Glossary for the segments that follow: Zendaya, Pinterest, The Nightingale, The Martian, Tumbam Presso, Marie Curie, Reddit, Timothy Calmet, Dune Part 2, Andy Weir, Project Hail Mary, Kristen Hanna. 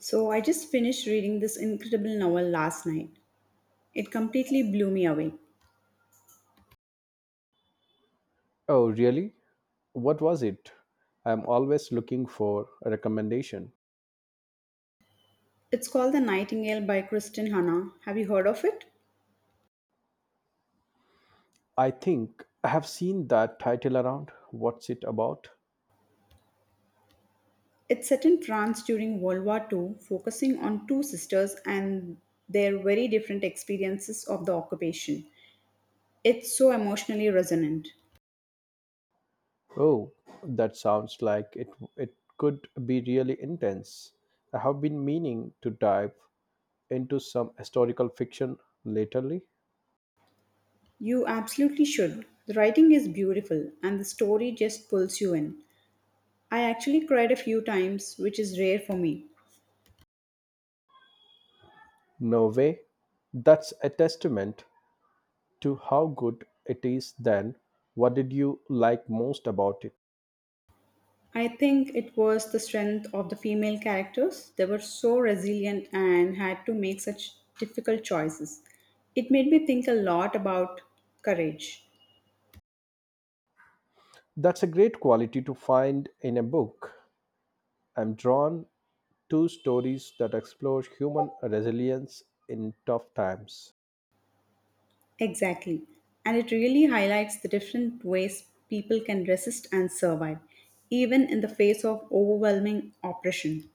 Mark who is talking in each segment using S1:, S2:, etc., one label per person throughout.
S1: So I just finished reading this incredible novel last night. It completely blew me away.
S2: Oh, really? What was it? I'm always looking for a recommendation.
S1: It's called The Nightingale by Kristen Hanna. Have you heard of it?
S2: I think I have seen that title around. What's it about?
S1: It's set in France during World War II, focusing on two sisters and their very different experiences of the occupation. It's so emotionally resonant.
S2: Oh, that sounds like it could be really intense. I have been meaning to dive into some historical fiction lately.
S1: You absolutely should. The writing is beautiful and the story just pulls you in. I actually cried a few times, which is rare for me.
S2: No way. That's a testament to how good it is then. What did you like most about it?
S1: I think it was the strength of the female characters. They were so resilient and had to make such difficult choices. It made me think a lot about courage.
S2: That's a great quality to find in a book. I'm drawn two stories that explore human resilience in tough times.
S1: Exactly. And it really highlights the different ways people can resist and survive, even in the face of overwhelming oppression.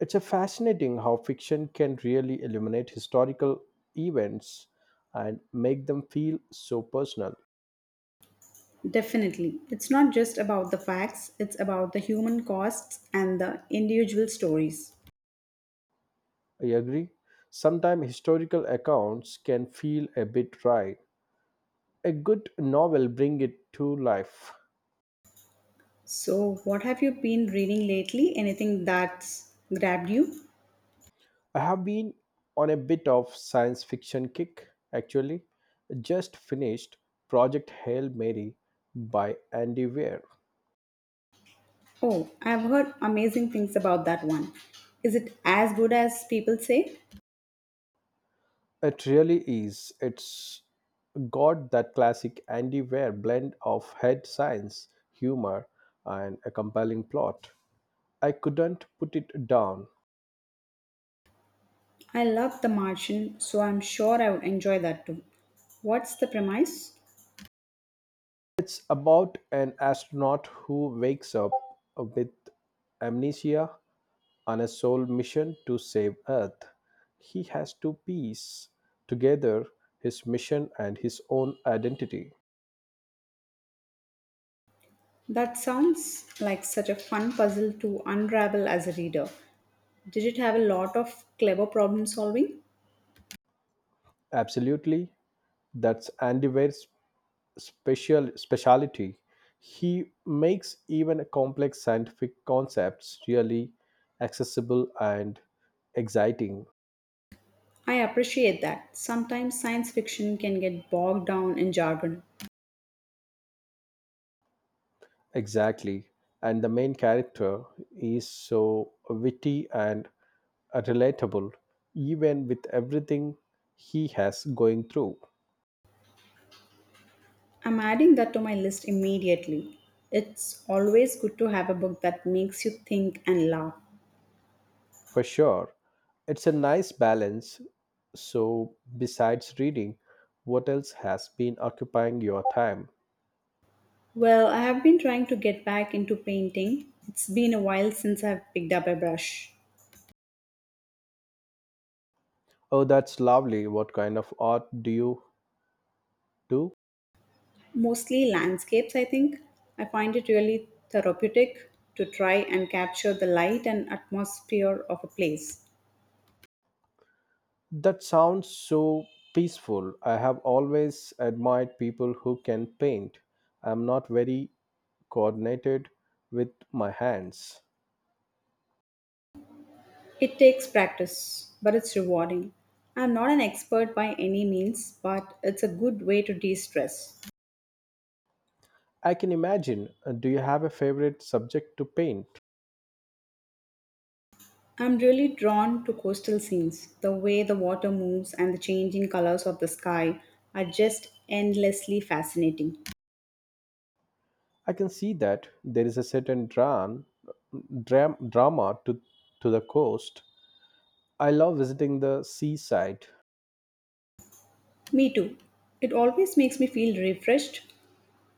S2: It's a fascinating how fiction can really illuminate historical events and make them feel so personal.
S1: Definitely. It's not just about the facts, it's about the human costs and the individual stories.
S2: I agree. Sometimes historical accounts can feel a bit dry. A good novel bring it to life.
S1: So, what have you been reading lately? Anything that's grabbed you?
S2: I have been on a bit of science fiction kick actually. Just finished Project Hail Mary by Andy Weir.
S1: Oh, I've heard amazing things about that one. Is it as good as people say?
S2: It really is. It's got that classic Andy Weir blend of head science, humor, and a compelling plot. I couldn't put it down.
S1: I love The Martian, so I'm sure I would enjoy that too. What's the premise?
S2: It's about an astronaut who wakes up with amnesia on a sole mission to save Earth. He has to piece together his mission and his own identity.
S1: That sounds like such a fun puzzle to unravel as a reader. Did it have a lot of clever problem solving?
S2: Absolutely, that's Andy Weir's speciality. He makes even complex scientific concepts really accessible and exciting.
S1: I appreciate that. Sometimes science fiction can get bogged down in jargon.
S2: Exactly, and the main character is so witty and relatable even with everything he has going through.
S1: I'm adding that to my list immediately. It's always good to have a book that makes you think and laugh.
S2: For sure, it's a nice balance. So, besides reading, what else has been occupying your time?
S1: Well, I have been trying to get back into painting. It's been a while since I've picked up a brush.
S2: Oh, that's lovely. What kind of art do you do?
S1: Mostly landscapes, I think. I find it really therapeutic to try and capture the light and atmosphere of a place.
S2: That sounds so peaceful. I have always admired people who can paint. I'm not very coordinated with my hands.
S1: It takes practice, but it's rewarding. I'm not an expert by any means, but it's a good way to de stress.
S2: I can imagine. Do you have a favorite subject to paint?
S1: I'm really drawn to coastal scenes. The way the water moves and the changing colors of the sky are just endlessly fascinating.
S2: I can see that there is a certain drama to the coast. I love visiting the seaside.
S1: Me too. It always makes me feel refreshed.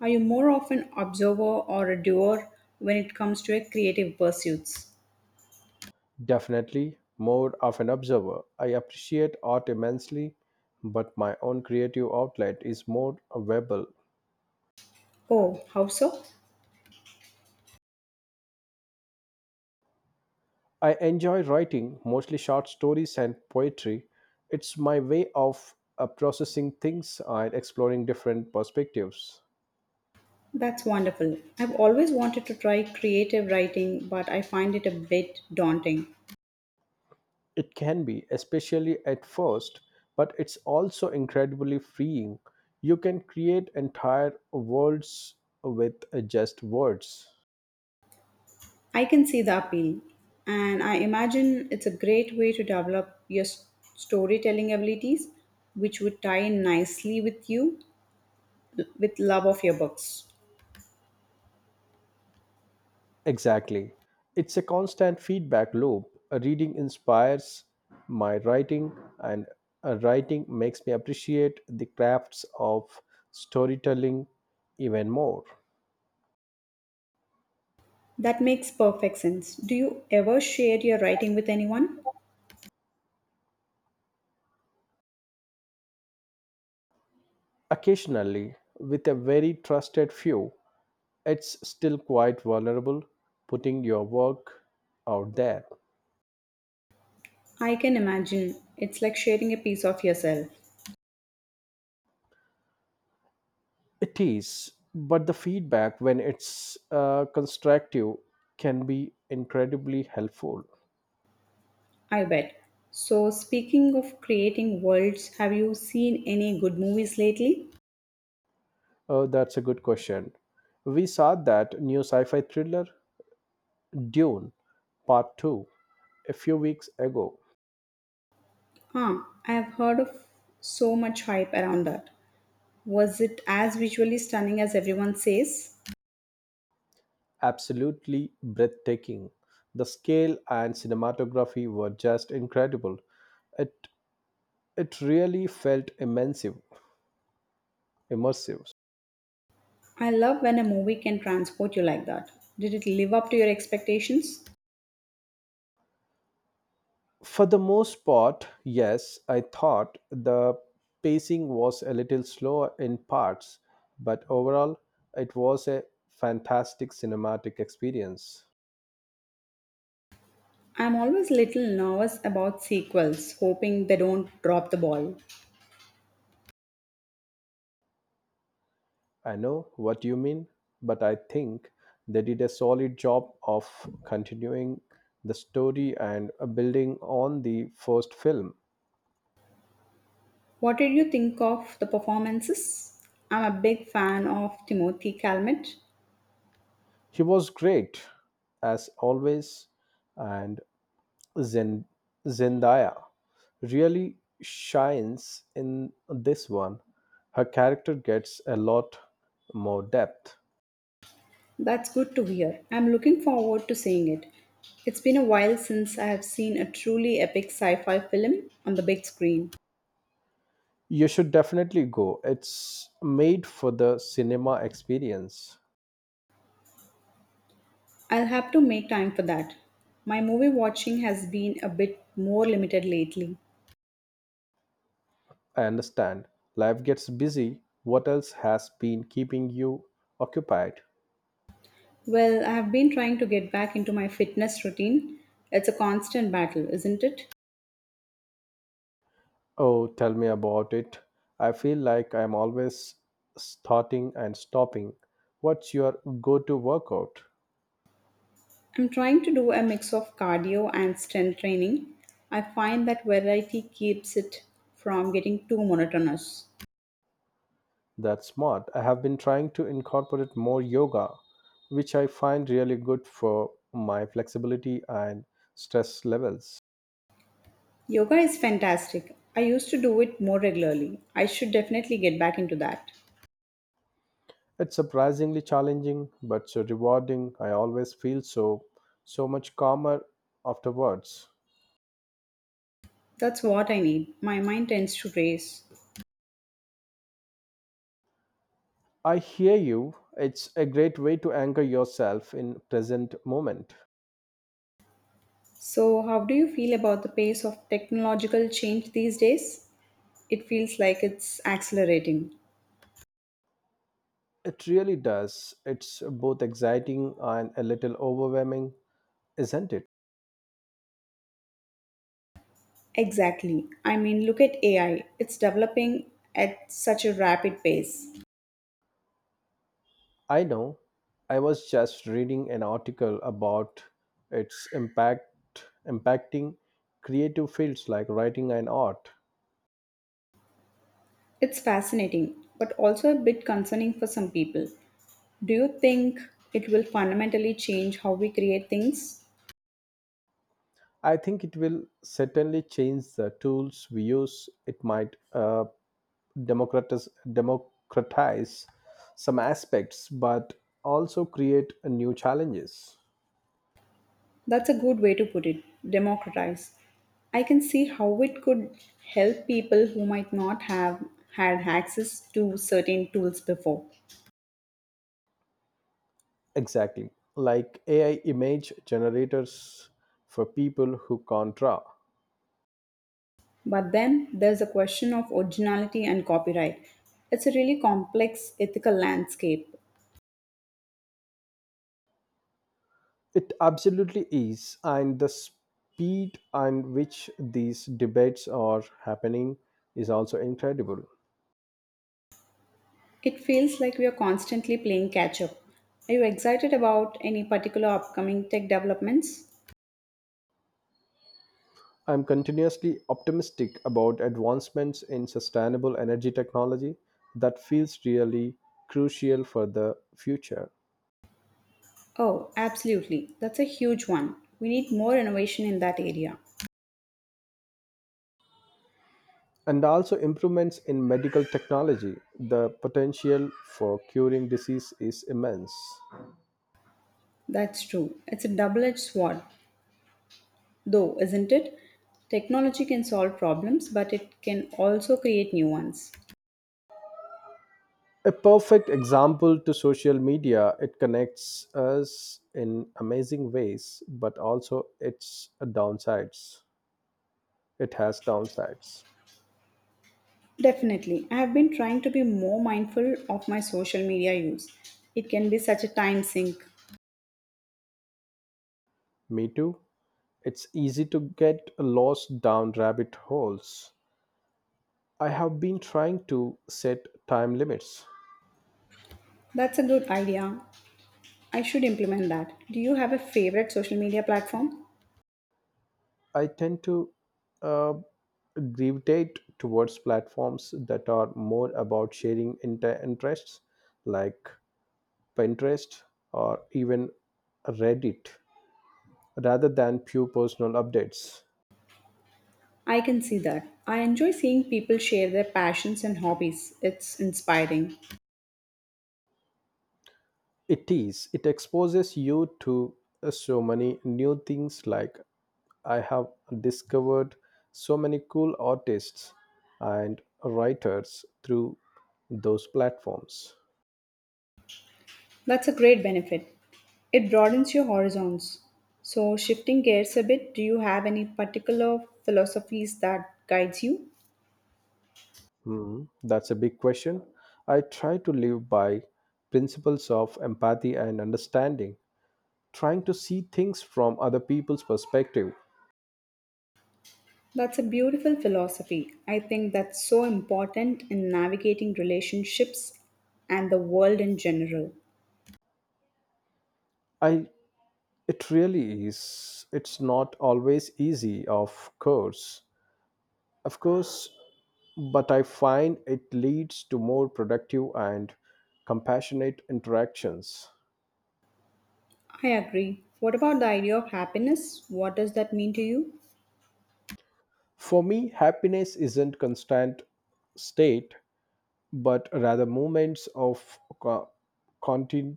S1: Are you more of an observer or a doer when it comes to your creative pursuits?
S2: Definitely more of an observer. I appreciate art immensely, but my own creative outlet is more verbal.
S1: Oh, how so?
S2: I enjoy writing, mostly short stories and poetry. It's my way of processing things and exploring different perspectives.
S1: That's wonderful. I've always wanted to try creative writing, but I find it a bit daunting.
S2: It can be, especially at first, but it's also incredibly freeing. You can create entire worlds with just words.
S1: I can see the appeal, and I imagine it's a great way to develop your storytelling abilities, which would tie in nicely with you, with love of your books.
S2: Exactly. It's a constant feedback loop. A reading inspires my writing, and a writing makes me appreciate the crafts of storytelling even more.
S1: That makes perfect sense. Do you ever share your writing with anyone?
S2: Occasionally, with a very trusted few, it's still quite vulnerable putting your work out there.
S1: I can imagine. It's like sharing a piece of yourself.
S2: It is, but the feedback, when it's constructive, can be incredibly helpful.
S1: I bet. So, speaking of creating worlds, have you seen any good movies lately?
S2: Oh, that's a good question. We saw that new sci fi thriller, Dune Part 2, a few weeks ago.
S1: Ah, I have heard of so much hype around that. Was it as visually stunning as everyone says?
S2: Absolutely breathtaking. The scale and cinematography were just incredible. It, it really felt immersive.
S1: I love when a movie can transport you like that. Did it live up to your expectations?
S2: For the most part, yes, I thought the pacing was a little slow in parts, but overall, it was a fantastic cinematic experience.
S1: I'm always little nervous about sequels, hoping they don't drop the ball.
S2: I know what you mean, but I think they did a solid job of continuing the story and building on the first film.
S1: What did you think of the performances? I'm a big fan of Timothy Calmet.
S2: He was great, as always, and Zen- Zendaya really shines in this one. Her character gets a lot more depth.
S1: That's good to hear. I'm looking forward to seeing it. It's been a while since I have seen a truly epic sci fi film on the big screen.
S2: You should definitely go. It's made for the cinema experience.
S1: I'll have to make time for that. My movie watching has been a bit more limited lately.
S2: I understand. Life gets busy. What else has been keeping you occupied?
S1: Well, I have been trying to get back into my fitness routine. It's a constant battle, isn't it?
S2: Oh, tell me about it. I feel like I'm always starting and stopping. What's your go to workout?
S1: I'm trying to do a mix of cardio and strength training. I find that variety keeps it from getting too monotonous.
S2: That's smart. I have been trying to incorporate more yoga, which I find really good for my flexibility and stress levels.
S1: Yoga is fantastic. I used to do it more regularly. I should definitely get back into that.
S2: It's surprisingly challenging, but so rewarding. I always feel so much calmer afterwards.
S1: That's what I need. My mind tends to race.
S2: I hear you. It's a great way to anchor yourself in present moment.
S1: So, how do you feel about the pace of technological change these days? It feels like it's accelerating.
S2: It really does. It's both exciting and a little overwhelming, isn't it?
S1: Exactly. I mean, look at AI. It's developing at such a rapid pace.
S2: I know. I was just reading an article about its impact impacting creative fields like writing and art.
S1: It's fascinating, but also a bit concerning for some people. Do you think it will fundamentally change how we create things?
S2: I think it will certainly change the tools we use. It might democratize some aspects but also create a new challenges.
S1: That's a good way to put it democratize. I can see how it could help people who might not have had access to certain tools before.
S2: Exactly, like AI image generators for people who can't draw.
S1: But then there's the question of originality and copyright. It's a really complex ethical landscape.
S2: It absolutely is, and the speed on which these debates are happening is also incredible.
S1: It feels like we are constantly playing catch up. Are you excited about any particular upcoming tech developments?
S2: I'm continuously optimistic about advancements in sustainable energy technology. That feels really crucial for the future.
S1: Oh, absolutely. That's a huge one. We need more innovation in that area.
S2: And also improvements in medical technology, the potential for curing disease is immense.
S1: That's true. It's a double edged sword, though, isn't it? Technology can solve problems, but it can also create new ones.
S2: A perfect example to social media, it connects us in amazing ways but also it has downsides.
S1: Definitely. I have been trying to be more mindful of my social media use. It can be such a time sink.
S2: Me too, it's easy to get lost down rabbit holes. I have been trying to set time limits.
S1: That's a good idea. I should implement that. Do you have a favorite social media platform?
S2: I tend to uh, gravitate towards platforms that are more about sharing interests like Pinterest or even Reddit rather than pure personal updates.
S1: I can see that. I enjoy seeing people share their passions and hobbies. It's inspiring.
S2: It is, it exposes you to so many new things, like I have discovered so many cool artists and writers through those platforms.
S1: That's a great benefit. It broadens your horizons. So, shifting gears a bit, do you have any particular philosophies that guides you?
S2: Hmm, that's a big question. I try to live by principles of empathy and understanding, trying to see things from other people's perspective.
S1: That's a beautiful philosophy. I think that's so important in navigating relationships and the world in general.
S2: I It really is, it's not always easy, of course. Of course, but I find it leads to more productive and compassionate interactions.
S1: I agree. What about the idea of happiness? What does that mean to you?
S2: For me, happiness isn't constant state, but rather moments of continu-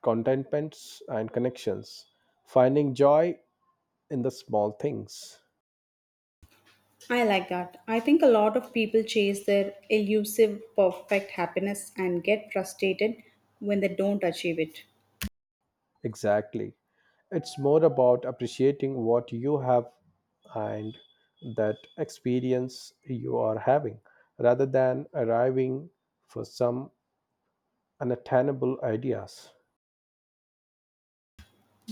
S2: contentments and connections, finding joy in the small things.
S1: I like that. I think a lot of people chase their elusive perfect happiness and get frustrated when they don't achieve it.
S2: Exactly, it's more about appreciating what you have and that experience you are having rather than arriving for some unattainable ideas.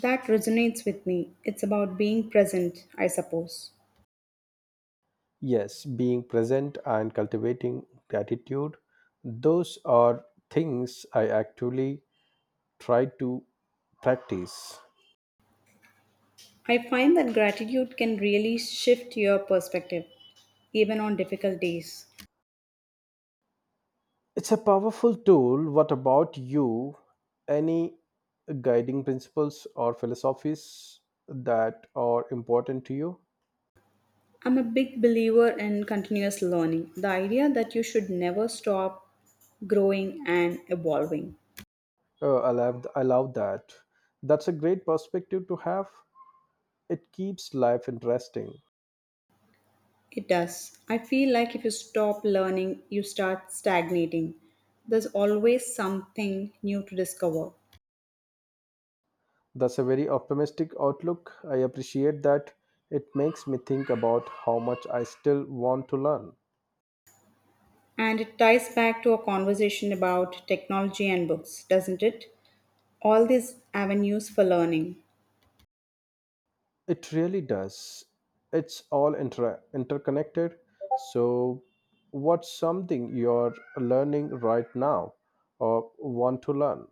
S1: That resonates with me. It's about being present, I suppose.
S2: Yes, being present and cultivating gratitude, those are things I actually try to practice.
S1: I find that gratitude can really shift your perspective, even on difficult days.
S2: It's a powerful tool. What about you? Any guiding principles or philosophies that are important to you?
S1: I'm a big believer in continuous learning, the idea that you should never stop growing and evolving.
S2: I love that. That's a great perspective to have. It keeps life interesting.
S1: It does. I feel like if you stop learning, you start stagnating. There's always something new to discover.
S2: That's a very optimistic outlook. I appreciate that. It makes me think about how much I still want to learn.
S1: And it ties back to a conversation about technology and books, doesn't it? All these avenues for learning.
S2: It really does. It's all interconnected. So, what's something you're learning right now or want to learn?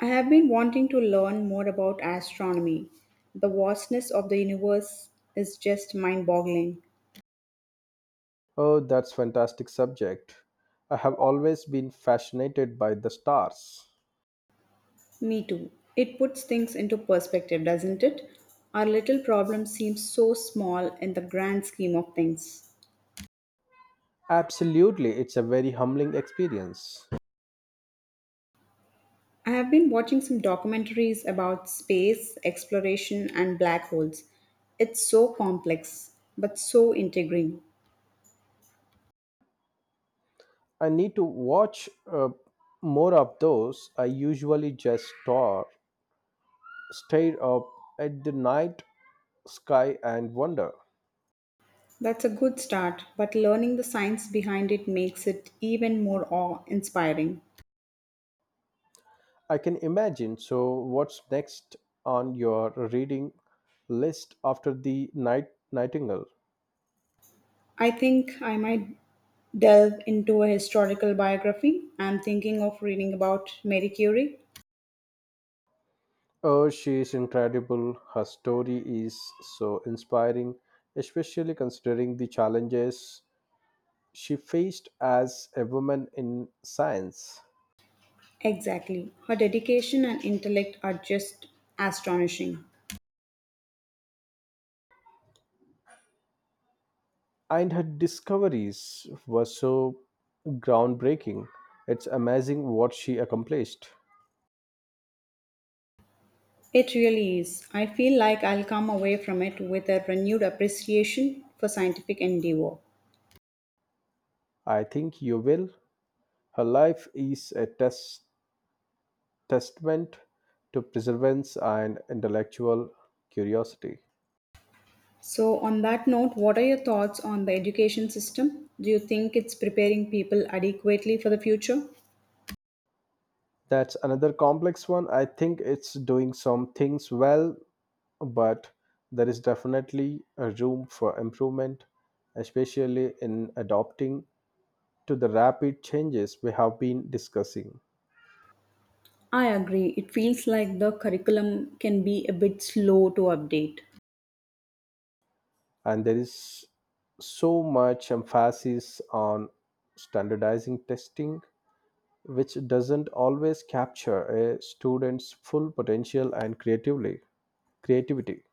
S1: I have been wanting to learn more about astronomy. The vastness of the universe is just mind boggling.
S2: Oh, that's fantastic subject. I have always been fascinated by the stars.
S1: Me too. It puts things into perspective, doesn't it? Our little problem seems so small in the grand scheme of things.
S2: Absolutely, it's a very humbling experience.
S1: I have been watching some documentaries about space, exploration, and black holes. It's so complex, but so intriguing.
S2: I need to watch more of those. I usually just stare up at the night sky and wonder.
S1: That's a good start, but learning the science behind it makes it even more awe inspiring.
S2: I can imagine. So, what's next on your reading list after the night Nightingale?
S1: I think I might delve into a historical biography. I'm thinking of reading about Marie Curie.
S2: Oh, she's incredible. Her story is so inspiring, especially considering the challenges she faced as a woman in science.
S1: Exactly. Her dedication and intellect are just astonishing.
S2: And her discoveries were so groundbreaking. It's amazing what she accomplished.
S1: It really is. I feel like I'll come away from it with a renewed appreciation for scientific endeavor.
S2: I think you will. Her life is a testament to perseverance and intellectual curiosity.
S1: So, on that note, what are your thoughts on the education system? Do you think it's preparing people adequately for the future?
S2: That's another complex one. I think it's doing some things well, but there is definitely a room for improvement, especially in adopting to the rapid changes we have been discussing.
S1: I agree. It feels like the curriculum can be a bit slow to update.
S2: And there is so much emphasis on standardizing testing, which doesn't always capture a student's full potential and creatively. creativity.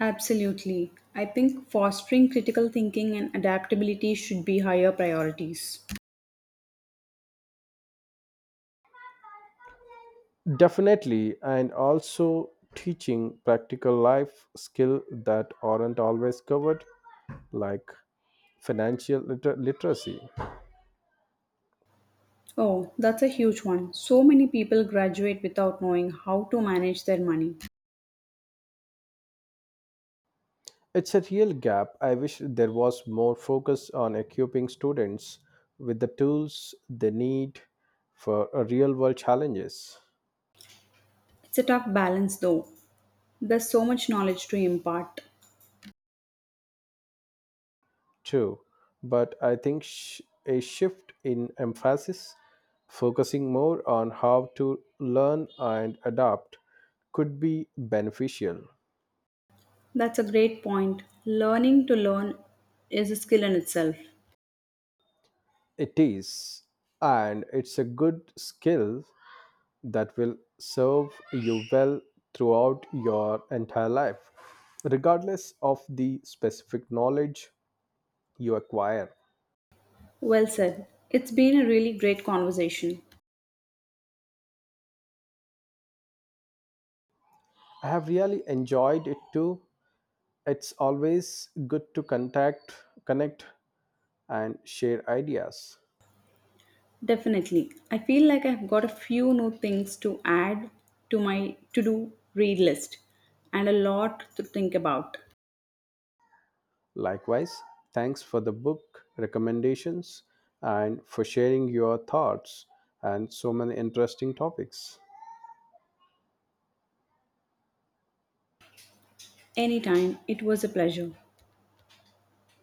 S1: Absolutely. I think fostering critical thinking and adaptability should be higher priorities.
S2: Definitely, and also teaching practical life skill that aren't always covered, like financial literacy.
S1: Oh, that's a huge one. So many people graduate without knowing how to manage their money.
S2: It's a real gap, I wish there was more focus on equipping students with the tools they need for real world challenges.
S1: It's a tough balance though. There's so much knowledge to impart.
S2: True, but I think a shift in emphasis, focusing more on how to learn and adapt, could be beneficial.
S1: That's a great point. Learning to learn is a skill in itself.
S2: It is, and it's a good skill that will serve you well throughout your entire life, regardless of the specific knowledge you acquire.
S1: Well said. It's been a really great conversation.
S2: I have really enjoyed it too. It's always good to connect and share ideas.
S1: Definitely. I feel like I've got a few new things to add to my to-do read list and a lot to think about.
S2: Likewise, thanks for the book recommendations and for sharing your thoughts and so many interesting topics.
S1: Anytime, it was a pleasure.